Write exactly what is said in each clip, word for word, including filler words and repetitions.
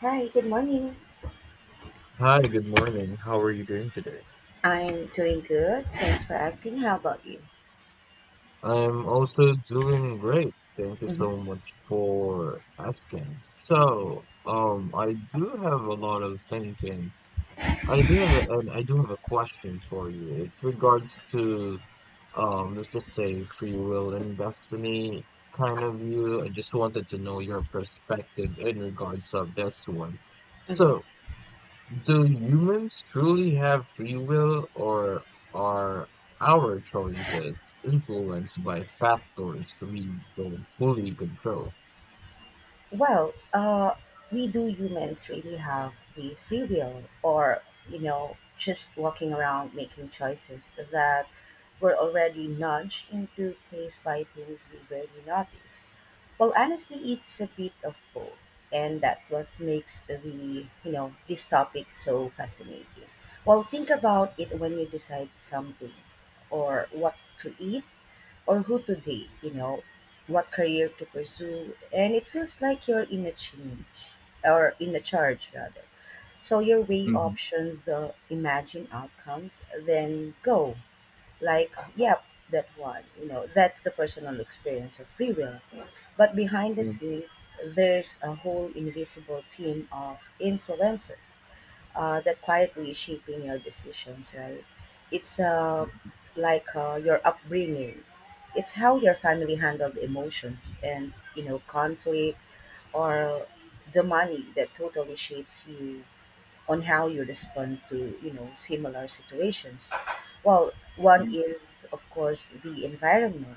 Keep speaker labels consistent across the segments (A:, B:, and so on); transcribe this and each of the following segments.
A: Hi, good morning.
B: Hi, good morning. How are you doing today?
A: I'm doing good. Thanks for asking. How about you?
B: I'm also doing great. Thank you so
A: hmm
B: much for asking. So, um, I do have a lot of thinking. I do have a, and I do have a question for you. It regards to, um, let's just say free will and destiny kind of view. I just wanted to know your perspective in regards of this one.
A: hmm
B: So, do humans truly have free will, or are our choices influenced by factors we don't fully control?
A: Well, uh, we do humans really have the free will, or you know, just walking around making choices that we're already nudged into place by things we barely notice. Well, honestly, it's a bit of both, and that's what makes the you know this topic so fascinating. Well, think about it, when you decide something, or what to eat, or who to date. You know, what career to pursue, and it feels like you're in a change, or in a charge rather. So you weigh
B: Mhm.
A: options, uh, imagine outcomes, then go like uh, yep, that one you know that's the personal experience of free will, but behind the
B: Mhm.
A: scenes there's a whole invisible team of influences uh, that quietly shaping your decisions, right? It's uh, like uh, your upbringing, it's how your family handled emotions and you know conflict, or the money, that totally shapes you on how you respond to you know similar situations. Well, one
B: Mhm.
A: is of course the environment,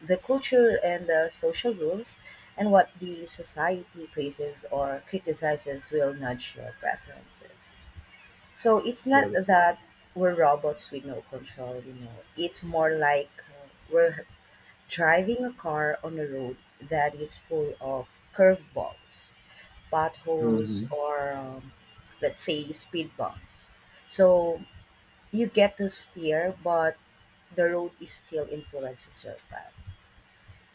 A: the culture and the social rules, and what the society praises or criticizes will nudge your preferences. So it's not
B: That is-
A: that we're robots with no control, you know it's more like uh, we're driving a car on a road that is full of curveballs, potholes,
B: Mhm.
A: or um, let's say speed bumps. So you get to steer, but the road is still influences your path.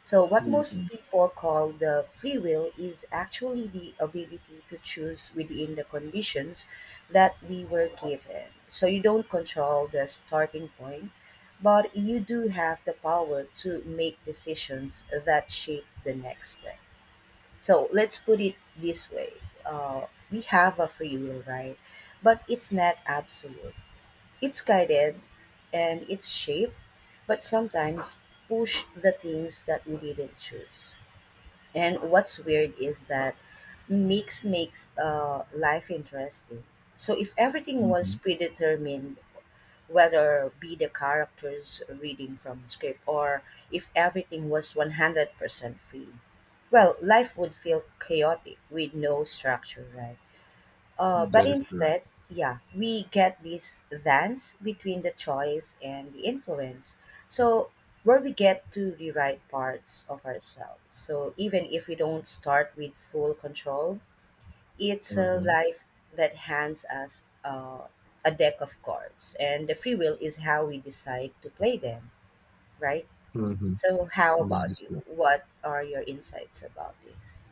A: So, what most
B: Mhm.
A: people call the free will is actually the ability to choose within the conditions that we were given. So, you don't control the starting point, but you do have the power to make decisions that shape the next step. So, let's put it this way, uh, we have a free will, right? But it's not absolute. It's guided and it's shaped, but sometimes push the things that we didn't choose. And what's weird is that mix makes uh, life interesting. So if everything was
B: Mhm.
A: predetermined, whether be the characters reading from script, or if everything was one hundred percent free, well, life would feel chaotic with no structure, right? Uh, but
B: That is correct.
A: instead, yeah, we get this dance between the choice and the influence. So, where we get to rewrite parts of ourselves. So, even if we don't start with full control, it's a
B: Mhm.
A: life that hands us uh, a deck of cards, and the free will is how we decide to play them, right?
B: Mhm.
A: So, how
B: That
A: about
B: is
A: you?
B: correct.
A: What are your insights about this?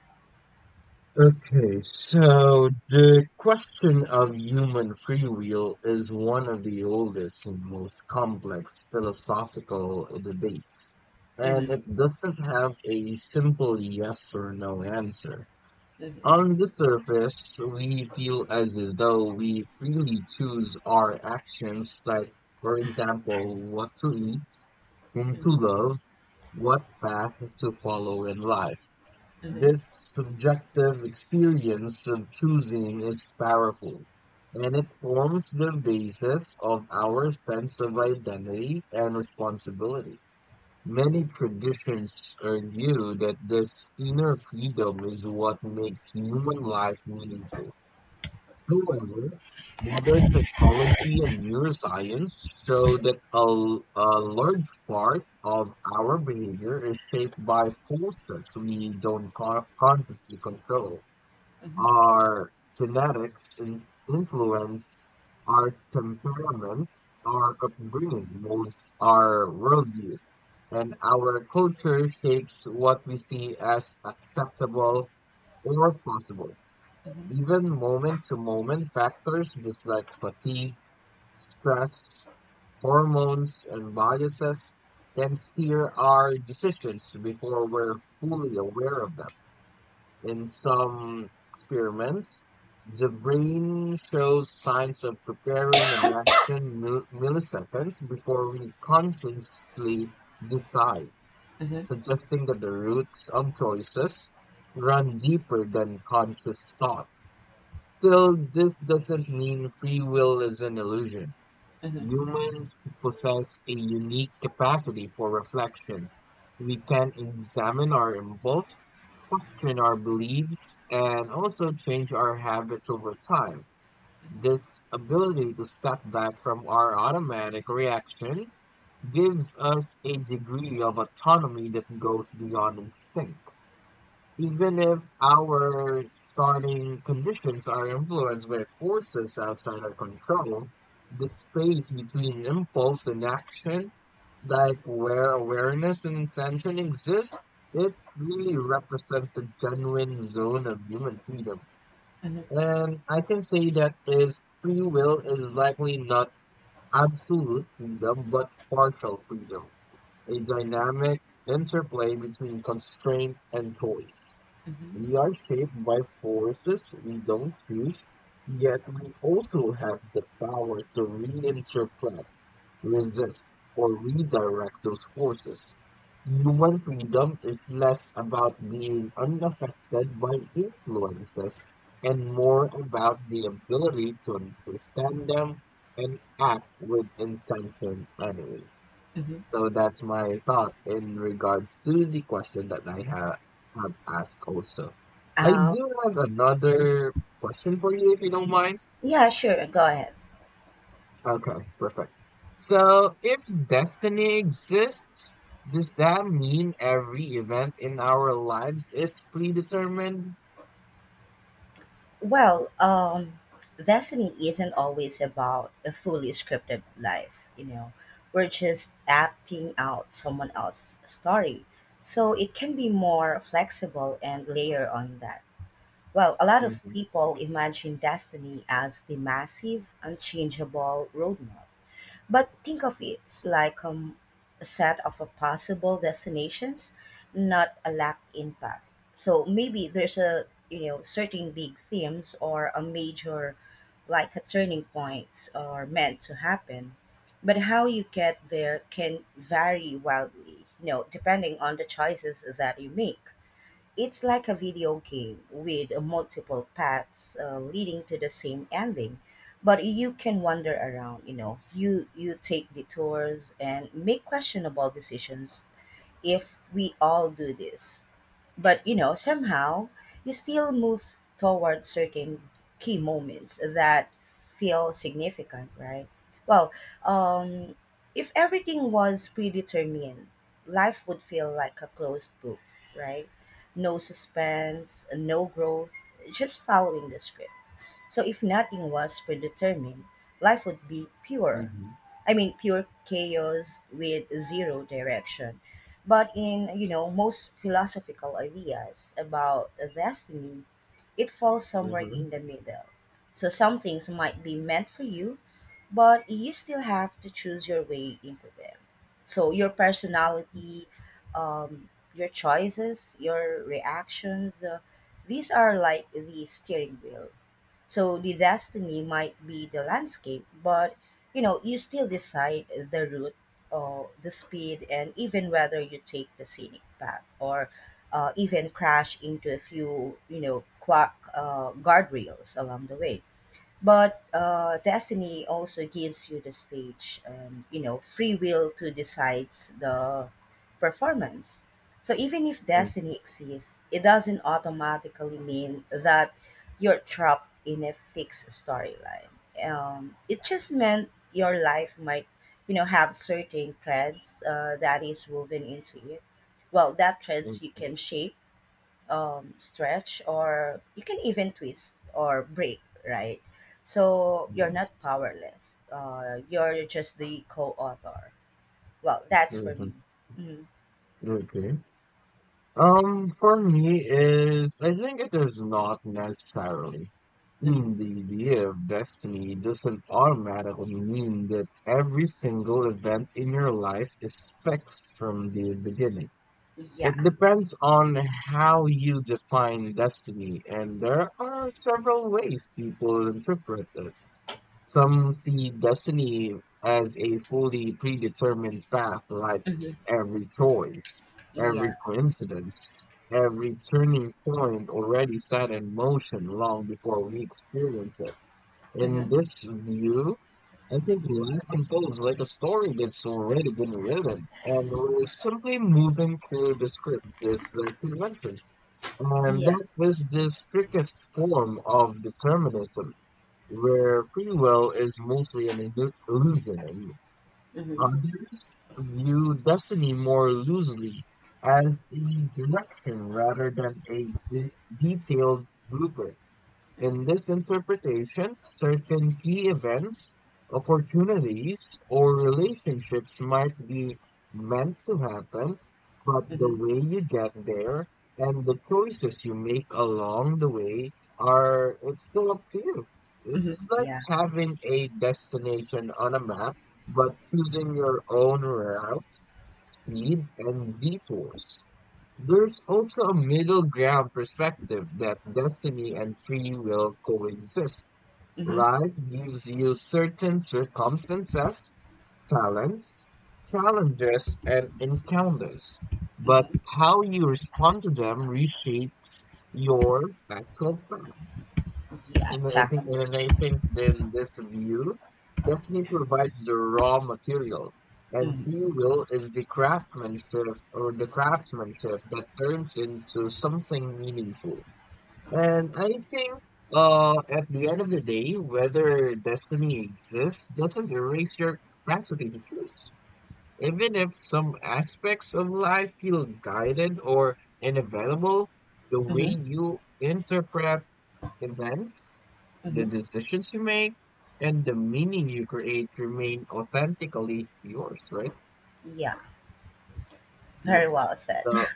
B: Okay, so the question of human free will is one of the oldest and most complex philosophical debates, and
A: Mm-hmm,
B: it doesn't have a simple yes or no answer.
A: mm-hmm,
B: On the surface, we feel as though we freely choose our actions, like, for example, what to eat, whom to
A: mm-hmm,
B: love, what path to follow in life.
A: mm-hmm,
B: This subjective experience of choosing is powerful, and it forms the basis of our sense of identity and responsibility. Many traditions argue that this inner freedom is what makes human life meaningful. However, modern psychology and neuroscience show that a, l- a large part of our behavior is shaped by forces we don't co- consciously control.
A: mm-hmm,
B: Our genetics in- influence our temperament, our upbringing molds our worldview, and our culture shapes what we see as acceptable or possible.
A: mm-hmm,
B: Even moment-to-moment factors just like fatigue, stress, hormones, and biases can steer our decisions before we're fully aware of them. In some experiments, the brain shows signs of preparing an action mil- milliseconds before we consciously decide, suggesting that the roots of choices run deeper than conscious thought. Still, this doesn't mean free will is an illusion.
A: mm-hmm.
B: Humans possess a unique capacity for reflection. We can examine our impulse, question our beliefs, and also change our habits over time. This ability to step back from our automatic reaction gives us a degree of autonomy that goes beyond instinct, even if our starting conditions are influenced by forces outside our control. The space between impulse and action, like where awareness and intention exist, it really represents a genuine zone of human freedom. And I can say that is free will is likely not absolute freedom, but partial freedom, a dynamic interplay between constraint and choice.
A: Mm-hmm.
B: We are shaped by forces we don't choose, yet we also have the power to reinterpret, resist, or redirect those forces. Human
A: Mm-hmm.
B: freedom is less about being unaffected by influences and more about the ability to understand them and act with intention anyway.
A: Mm-hmm.
B: So that's my thought in regards to the question that I have, have asked also. I
A: Uh,
B: do have another question for you if you don't mind.
A: yeah, sure. Go ahead.
B: Okay, perfect. So if destiny exists, does that mean every event in our lives is predetermined?
A: Well, um, destiny isn't always about a fully scripted life, you know. We're just acting out someone else's story. So it can be more flexible and layer on that. Well, a lot of
B: Mm-hmm,
A: people imagine destiny as the massive, unchangeable roadmap. But think of it, it's like um, a set of uh, possible destinations, not a lack in path. So maybe there's a you know certain big themes or a major like a turning points are meant to happen. But how you get there can vary wildly, you know, depending on the choices that you make. It's like a video game with multiple paths uh, leading to the same ending, but you can wander around, you know. You you take detours and make questionable decisions if we all do this, but you know somehow you still move toward certain key moments that feel significant, right? Well, um if everything was predetermined, life would feel like a closed book, right? No suspense, no growth, just following the script. So if nothing was predetermined, life would be pure,
B: mm-hmm,
A: I mean, pure chaos with zero direction. But in, you know, most philosophical ideas about destiny, it falls somewhere
B: mm-hmm,
A: in the middle. So some things might be meant for you, but you still have to choose your way into them. So your personality, um, your choices, your reactions, uh, these are like the steering wheel. So the destiny might be the landscape, but you know, you still decide the route or the speed, and even whether you take the scenic path or uh, even crash into a few, you know, quack uh, guardrails along the way. But uh, destiny also gives you the stage, and you know free will to decide the performance. So even if
B: mm-hmm,
A: destiny exists, it doesn't automatically mean that you're trapped in a fixed storyline. um, it just meant your life might, you know, have certain threads uh, that is woven into it. Well, that threads you can shape, um, stretch, or you can even twist or break, right? So you're not
B: yes.
A: powerless. Uh, you're just the co-author. Well, that's for
B: Mm-hmm.
A: me. Mm-hmm.
B: Okay. Um, for me is I think it is not necessarily. I mean,
A: Mm-hmm.
B: the idea of destiny doesn't automatically mean that every single event in your life is fixed from the beginning.
A: Yeah.
B: It depends on how you define destiny, and there are several ways people interpret it. Some see destiny as a fully predetermined path, like
A: Mm-hmm.
B: every choice, every
A: Yeah.
B: coincidence, every turning point already set in motion long before we experience it. In
A: Mm-hmm.
B: this view, I think life unfolds like a story that's already been written, and we're simply moving through the script, this uh, convention. And
A: Yeah.
B: that is the strictest form of determinism where free will is mostly an illu- illusion, I mean.
A: Mm-hmm.
B: Others view destiny more loosely as a direction rather than a de- detailed blueprint.
A: Mm-hmm.
B: In this interpretation, certain key events, opportunities, or relationships might be meant to happen, but the
A: Mm-hmm.
B: way you get there and the choices you make along the way are, it's still up to you.
A: Mm-hmm.
B: It's like
A: Yeah.
B: having a destination on a map, but choosing your own route, speed, and detours. There's also a middle ground perspective that destiny and free will coexist.
A: Mm-hmm.
B: Life gives you certain circumstances, talents, challenges, and encounters, but
A: Mm-hmm.
B: how you respond to them reshapes your actual path.
A: Yeah,
B: And I think,
A: definitely.
B: and I think in this view, destiny provides the raw material, and
A: Mm-hmm.
B: free will is the craftsmanship or the craftsmanship that turns into something meaningful. And I think, uh, at the end of the day, whether destiny exists doesn't erase your capacity to choose. Even if some aspects of life feel guided or inevitable, the
A: Mm-hmm.
B: way you interpret events, the
A: Mm-hmm.
B: decisions you make, and the meaning you create remain authentically yours, right?
A: Yeah. Very
B: Yes.
A: well said.
B: So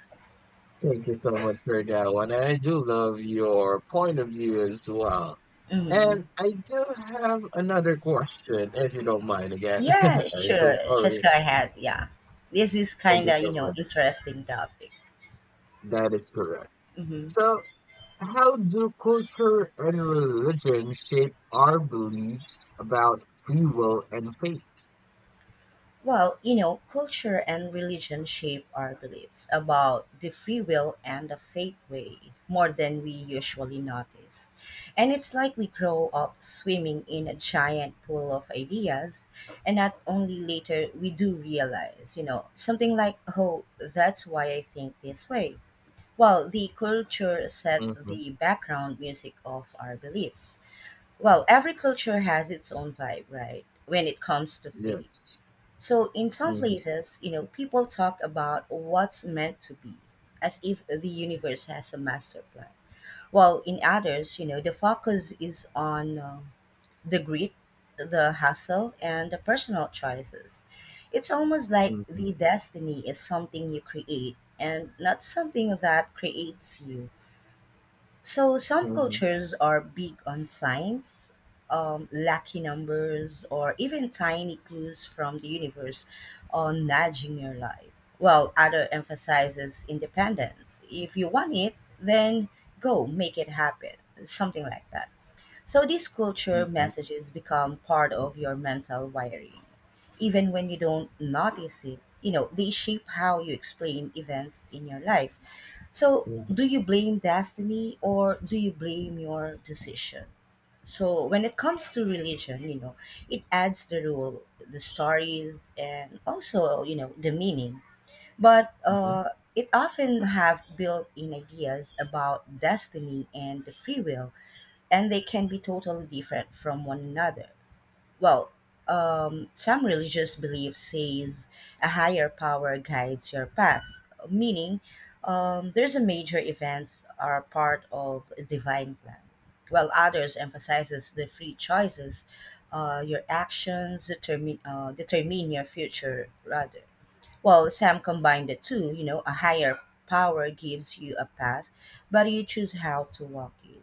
B: thank you so much for that one. And I do love your point of view as well.
A: Mm-hmm.
B: And I do have another question, if you don't mind again.
A: Yeah,
B: I'm so
A: sure. Just
B: sorry.
A: go ahead. Yeah, this is
B: Thank
A: kind
B: you
A: of
B: so
A: you know
B: much.
A: interesting topic.
B: That is correct. So how do culture and religion shape our beliefs about free will and
A: Well, you know, culture and religion shape our beliefs about the free will and the faith way more than we usually notice. And it's like we grow up swimming in a giant pool of ideas, and not only later we do realize, you know, something like, oh, that's why I think this way. Well, the culture sets
B: fate?
A: the background music of our beliefs. Well, every culture has its own vibe, right? When it comes to faith,
B: Yes.
A: so in some
B: Mhm,
A: places, you know, people talk about what's meant to be, as if the universe has a master plan. While in others, you know, the focus is on um, the grit, the hustle, and the personal choices. It's almost like the
B: mhm,
A: destiny is something you create and not something that creates you. So some
B: mhm,
A: cultures are big on signs, um, lucky numbers, or even tiny clues from the universe on nudging your life. While other emphasizes independence. If you want it, then go make it happen. Something like that. So these culture
B: mhm,
A: messages become part of your mental wiring, even when you don't notice it. You know they shape how you explain events in your life. So,
B: mhm,
A: do you blame destiny or do you blame your decision? So, when it comes to religion, you know, it adds the rule, the stories, and also, you know, the meaning. But uh, it often have built-in ideas about destiny and the free will, and they can be totally different from one another. Well, um, some religious belief says a higher power guides your path, meaning um, there's a major events are part of a divine plan. While others emphasizes the free choices, uh, your actions determine uh, determine your future rather. Well, some combine the two. You know, a higher power gives you a path, but you choose how to walk it.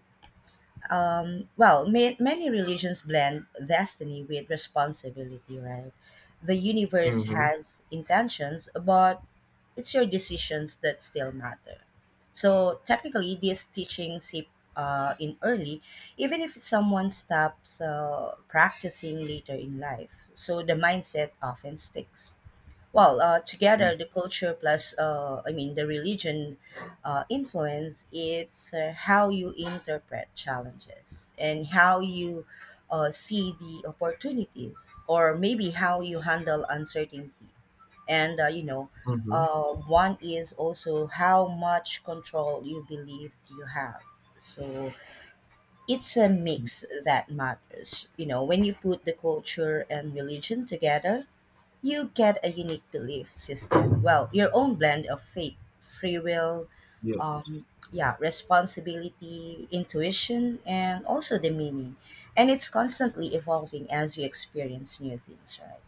A: Um, well, ma- many religions blend destiny with responsibility, right? The universe
B: mhm,
A: has intentions, but it's your decisions that still matter. So technically, this teaching seep uh, in early, even if someone stops uh, practicing later in life. So the mindset often sticks. Well, uh,
B: mhm,
A: together the culture plus, uh, I mean, the religion uh, influence, it's uh, how you interpret challenges and how you uh, see the opportunities, or maybe how you handle uncertainty. And, uh, you know,
B: mhm,
A: uh, one is also how much control you believe you have. So it's a
B: mhm,
A: mix that matters. You know, when you put the culture and religion together, you get a unique belief system. Well, your own blend of faith, free will,
B: yes.
A: um, yeah, responsibility, intuition, and also the meaning. And it's constantly evolving as you experience new things, right?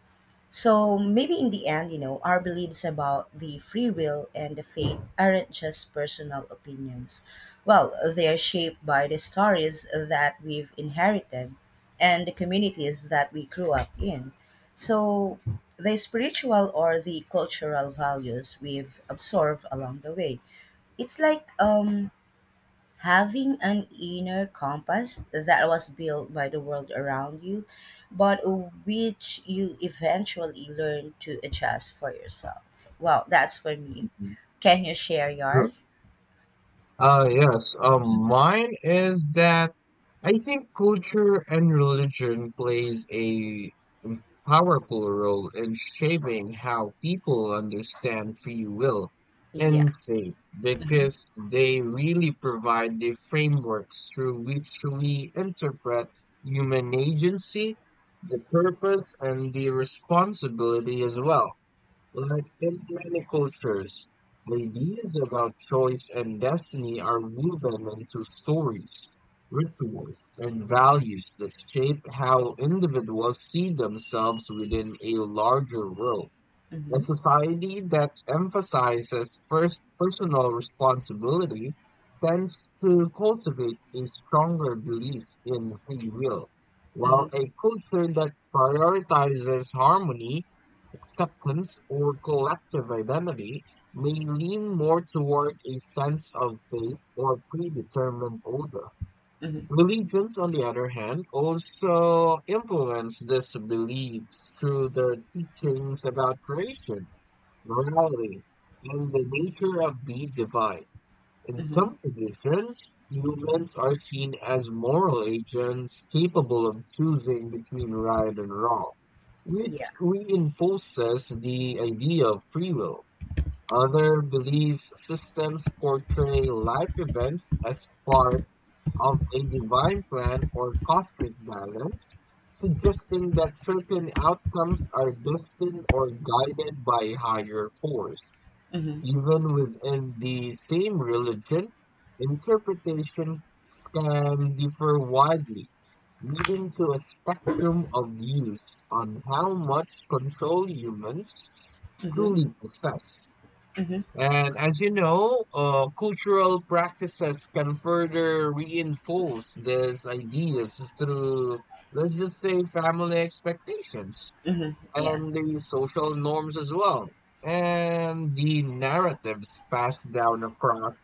A: So maybe in the end, you know, our beliefs about the free will and the fate aren't just personal opinions. Well, they are shaped by the stories that we've inherited and the communities that we grew up in. So the spiritual or the cultural values we've absorbed along the way. It's like um having an inner compass that was built by the world around you, but which you eventually learn to adjust for yourself. Well, that's for me.
B: Mhm.
A: Can you share yours?
B: Uh, yes. Um, mine is that I think culture and religion plays a mm, powerful role in shaping how people understand free will
A: Yeah.
B: and faith because they really provide the frameworks through which we interpret human agency, the purpose, and the responsibility as well. Like in many cultures, the ideas about choice and destiny are woven into stories, rituals, and values that shape how individuals see themselves within a larger world. A
A: Mm-hmm.
B: society that emphasizes first personal responsibility tends to cultivate a stronger belief in free will, while
A: Mm-hmm.
B: a culture that prioritizes harmony, acceptance, or collective identity may lean more toward a sense of fate or predetermined order.
A: Mm-hmm.
B: Religions, on the other hand, also influence these beliefs through their teachings about creation, morality, and the nature of beads divide. In
A: Mm-hmm.
B: some traditions, humans are seen as moral agents capable of choosing between right and wrong, which
A: Yeah.
B: reinforces the idea of free will. Other beliefs systems portray life events as part of a divine plan or cosmic balance, suggesting that certain outcomes are destined or guided by a higher force.
A: Mm-hmm.
B: Even within the same religion, interpretations can differ widely, leading to a spectrum of views on how much control humans
A: Mm-hmm.
B: truly possess.
A: Mm-hmm.
B: And as you know, uh, cultural practices can further reinforce these ideas through, let's just say, family expectations
A: Mm-hmm. Yeah.
B: and the social norms as well, and the narratives passed down across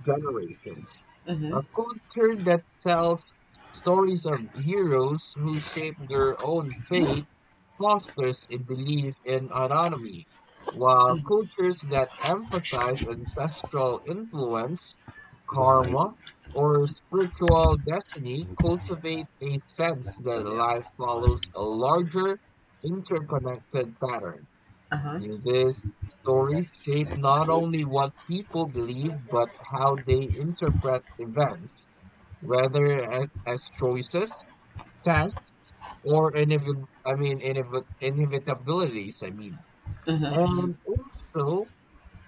B: generations.
A: Mm-hmm.
B: A culture that tells stories of heroes who shape their own fate fosters a belief in autonomy, while cultures that emphasize ancestral influence, karma,
A: Mm-hmm.
B: or spiritual destiny cultivate a sense that life follows a larger interconnected pattern. Through this, stories shape not only what people believe, but how they interpret events, whether a- as choices, tests, or inevi- I mean, inevi- inevitabilities, I mean. And also,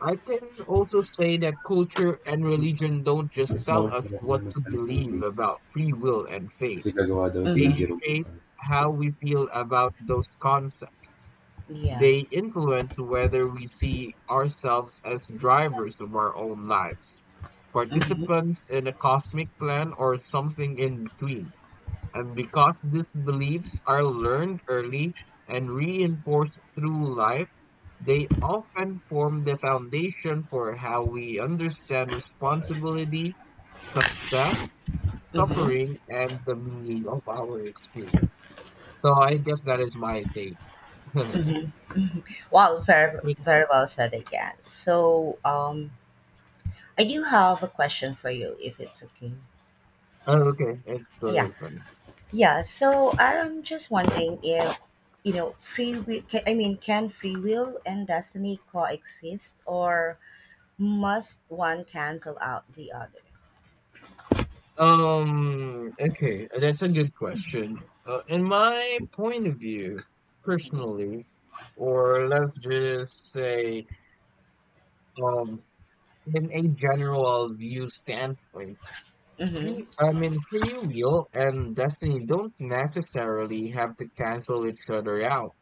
B: I can also say that culture and religion don't
A: Uh-huh.
B: just tell us what to believe
A: Mm-hmm.
B: about free will and fate.
A: Kasi gagawa daw si
B: They
A: Mhm. Jerome ng
B: shape
A: ano.
B: how we feel about those concepts.
A: Yeah.
B: They influence whether we see ourselves as drivers of our own lives,
A: Mhm.
B: participants in a cosmic plan, or something in between. And because these beliefs are learned early and reinforced through life, they often form the foundation for how we understand responsibility, success,
A: Mhm.
B: suffering, and the meaning of our experience. So I guess that is my take.
A: Mhm. Well, very very well said again. So, um, I do have a question for you, if it's okay.
B: Oh, okay. It's sort
A: Yeah.
B: of funny.
A: Yeah. So I'm just wondering if you know free will. Can, I mean, can free will and destiny coexist, or must one cancel out the other?
B: Um, okay, uh, that's a good question. Uh, in my point of view,
A: Mm-hmm.
B: personally, or let's just say, um, in a general view standpoint,
A: Mm-hmm.
B: free, I mean, free will and destiny don't necessarily have to cancel each other out.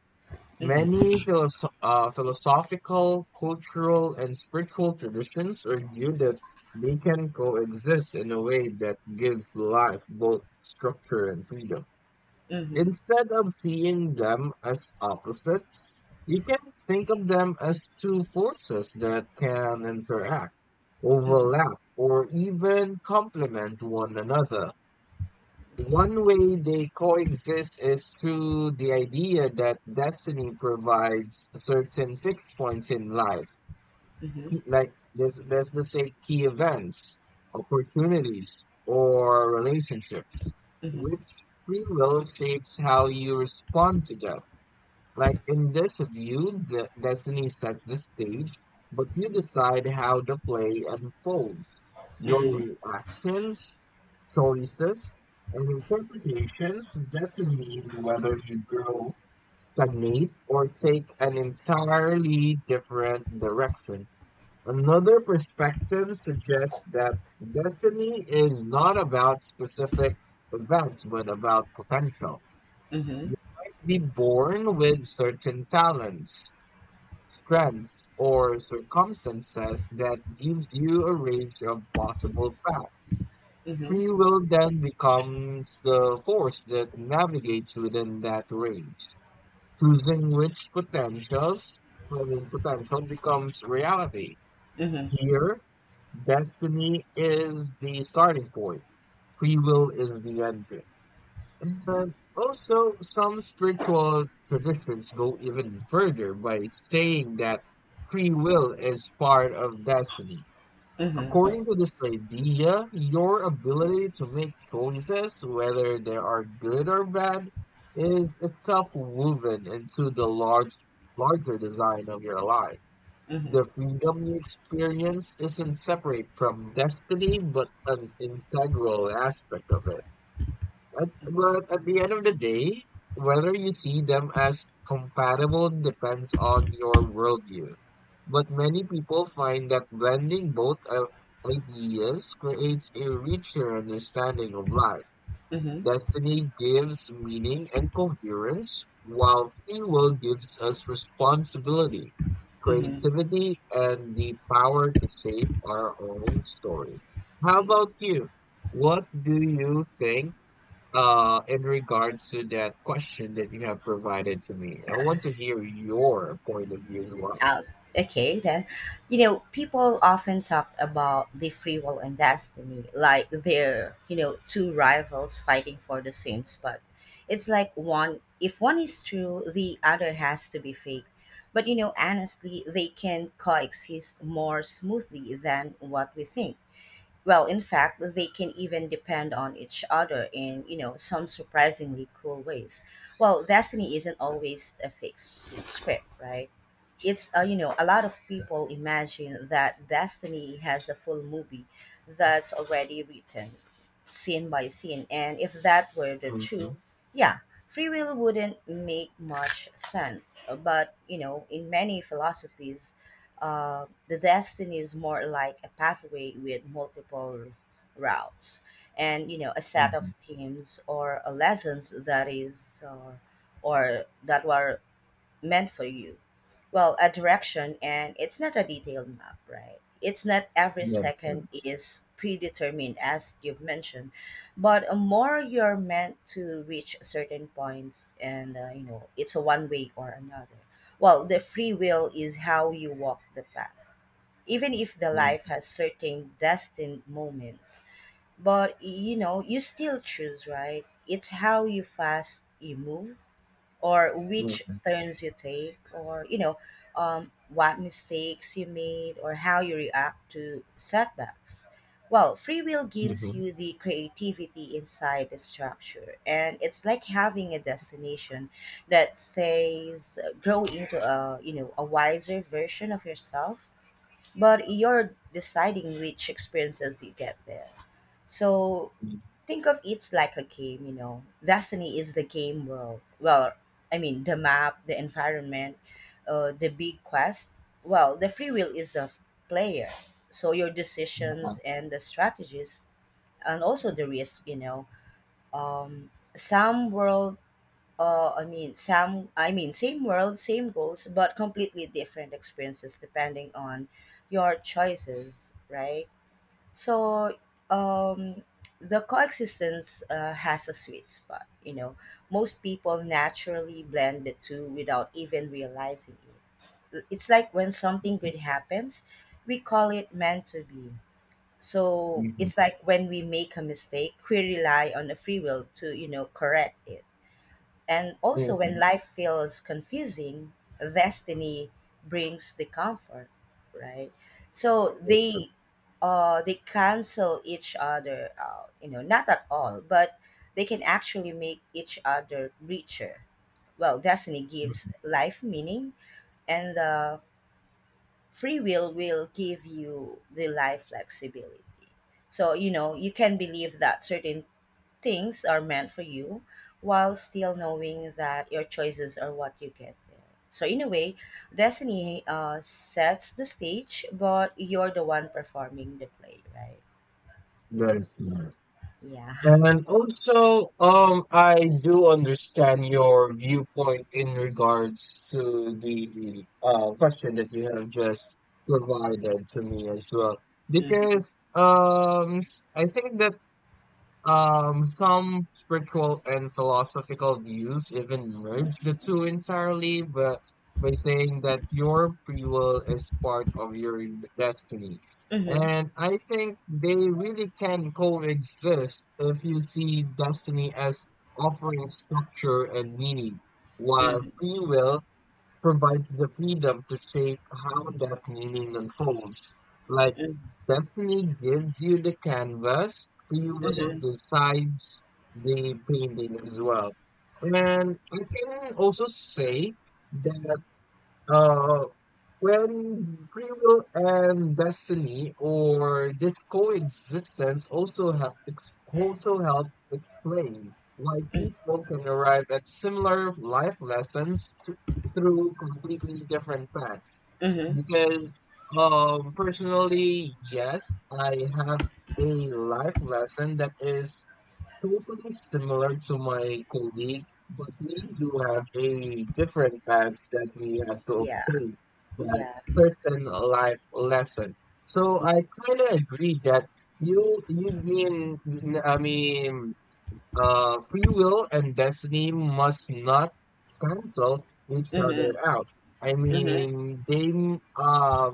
A: Mm-hmm.
B: Many philosoph uh, philosophical, cultural, and spiritual traditions argue that they can coexist in a way that gives life both structure and freedom.
A: Mm-hmm.
B: Instead of seeing them as opposites, you can think of them as two forces that can interact,
A: Mm-hmm.
B: overlap, or even complement one another. One way they coexist is through the idea that destiny provides certain fixed points in life.
A: Mm-hmm.
B: Key- Like, there's let's just say key events, opportunities, or relationships,
A: Mm-hmm.
B: which free will shapes how you respond to them. Like in this view, the destiny sets the stage, but you decide how the play unfolds. Your
A: Mm-hmm.
B: reactions, choices, and interpretations determine whether you grow, stagnate, or take an entirely different direction. Another perspective suggests that destiny is not about specific events, but about potential.
A: Mm-hmm. Mm-hmm.
B: You might be born with certain talents, strengths, or circumstances that gives you a range of possible paths. Free will then becomes the force that navigates within that range, choosing which potentials, I mean, potential becomes reality.
A: Mm-hmm.
B: Here, destiny is the starting point. Free will is the end, but also, some spiritual traditions go even further by saying that free will is part of destiny.
A: Mm-hmm.
B: According to this idea, your ability to make choices, whether they are good or bad, is itself woven into the large, larger design of your life. The
A: Mhm.
B: freedom you experience isn't separate from destiny, but an integral aspect of it. At, but at the end of the day, whether you see them as compatible depends on your worldview. But many people find that blending both uh, ideas creates a richer understanding of life.
A: Mhm.
B: Destiny gives meaning and coherence, while free will gives us responsibility,
A: Mhm.
B: creativity, and the power to shape our own story. How about you? What do you think? Uh, in regards to that question that you have provided to me, I want to hear your point of view as well.
A: Uh, okay, then. You know, people often talk about the free will and destiny like they're, you know, two rivals fighting for the same spot. It's like one, if one is true, the other has to be fake. But, you know, honestly, they can coexist more smoothly than what we think. Well, in fact, they can even depend on each other in, you know, some surprisingly cool ways. Well, destiny isn't always a fixed script, right? It's, uh, you know, a lot of people imagine that destiny has a full movie that's already written, scene by scene. And if that were the
B: Mm-hmm,
A: truth, yeah, free will wouldn't make much sense. But, you know, in many philosophies, uh, the destiny is more like a pathway with multiple routes and you know a set of
B: mm-hmm.
A: themes or uh, lessons that is uh, or that were meant for you. Well, a direction, and it's not a detailed map, right? It's not every
B: Yes, sir.
A: second is predetermined, as you've mentioned, but uh, more you're meant to reach certain points, and uh, you know it's a one way or another. Well, the free will is how you walk the path, even if the life
B: Mm-hmm,
A: has certain destined moments. But you know you still choose, right? It's how you fast you move or which turns you take, or you know, um, what mistakes you made or how you react to setbacks. Well, free will gives
B: mm-hmm,
A: you the creativity inside the structure, and it's like having a destination that says, uh, grow into a you know a wiser version of yourself, but you're deciding which experiences you get there. So
B: mm-hmm,
A: think of it like a game, you know. Destiny is the game world. Well, I mean, the map, the environment, uh, the big quest. Well, the free will is the player. So your
B: mm-hmm,
A: decisions and the strategies, and also the risk, you know. Um, some world, uh, I mean, some, I mean, same world, same goals, but completely different experiences depending on your choices, right? So um, the coexistence uh, has a sweet spot. You know, most people naturally blend the two without even realizing it. It's like when something good happens, we call it meant to be. So
B: mm-hmm,
A: it's like when we make a mistake, we rely on the free will to you know correct it. And also, when
B: mm-hmm.
A: life feels confusing, destiny brings the comfort, right? So
B: Yes, sir.
A: they, uh, they cancel each other out. You know, not at all, but they can actually make each other richer. Well, destiny gives
B: Mhm.
A: life meaning, and the free will will give you the life flexibility. So you know you can believe that certain things are meant for you while still knowing that your choices are what you get there. So, in a way, destiny uh, sets the stage, but you're the one performing the play, right?
B: Yes, sir.
A: Yeah.
B: And also, um, I do understand your viewpoint in regards to the uh, question that you have just provided to me as well.
A: Mm-hmm.
B: Because um, I think that Um, some spiritual and philosophical views even merge the two entirely, but by saying that your free will is part of your destiny.
A: Mm-hmm.
B: And I think they really can coexist if you see destiny as offering structure and meaning, while
A: Mm-hmm.
B: free will provides the freedom to shape how that meaning unfolds. Like destiny gives you the canvas, free will
A: Mm-hmm.
B: decides the painting as well. And I can also say that uh, when free will and destiny or this coexistence also have ex- also help explain why people can arrive at similar life lessons thr- through completely different paths.
A: Mm-hmm.
B: Because um personally, yes, I have a life lesson that is totally similar to my colleague, but we do have a different badge that we have to
A: Yeah.
B: obtain that
A: Yeah.
B: certain life lesson. So I kind of agree that you you mean I mean uh, free will and destiny must not cancel each
A: Mm-hmm.
B: other out. I
A: Mm-hmm.
B: mean, they m- uh,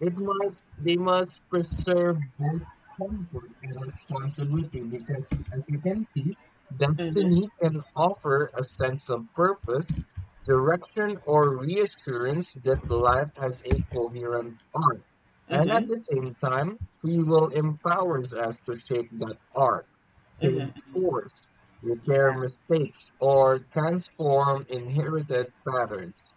B: it must they must preserve both comfort and responsibility because, as you can see,
A: Mm-hmm.
B: destiny can offer a sense of purpose, direction, or reassurance that life has a coherent arc. And at
A: Mm-hmm.
B: the same time, free will empowers us to shape that arc, change
A: Mm-hmm.
B: course, repair
A: Yeah.
B: mistakes, or transform inherited patterns.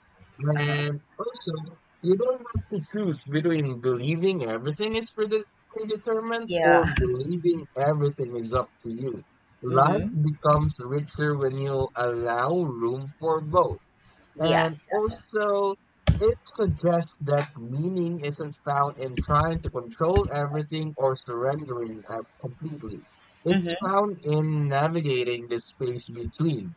A: Uh-huh.
B: And also, you don't have to choose between believing everything is prede- predetermined or
A: Yeah.
B: believing everything is up to you. Life
A: Mm-hmm.
B: becomes richer when you allow room for both.
A: Yeah.
B: And also, it suggests that meaning isn't found in trying to control everything or surrendering uh, completely. It's
A: Mm-hmm.
B: found in navigating the space between.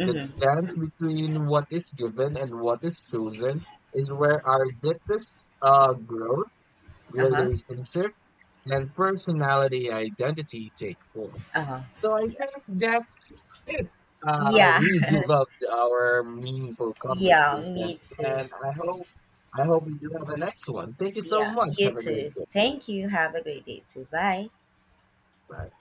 B: The dance between what is given and what is chosen is where our deepest uh, growth,
A: Uh-huh.
B: relationship, and personality identity take form.
A: Uh-huh.
B: So I think
A: Yeah.
B: that's it. Uh, I
A: Yeah.
B: really do love our meaningful
A: Yeah.
B: conversation,
A: Me too.
B: and I hope I hope we do have a next one. Thank you so
A: Yeah,
B: much.
A: you
B: Have a great
A: too.
B: day.
A: Thank you. Have a great day too. Bye.
B: Bye.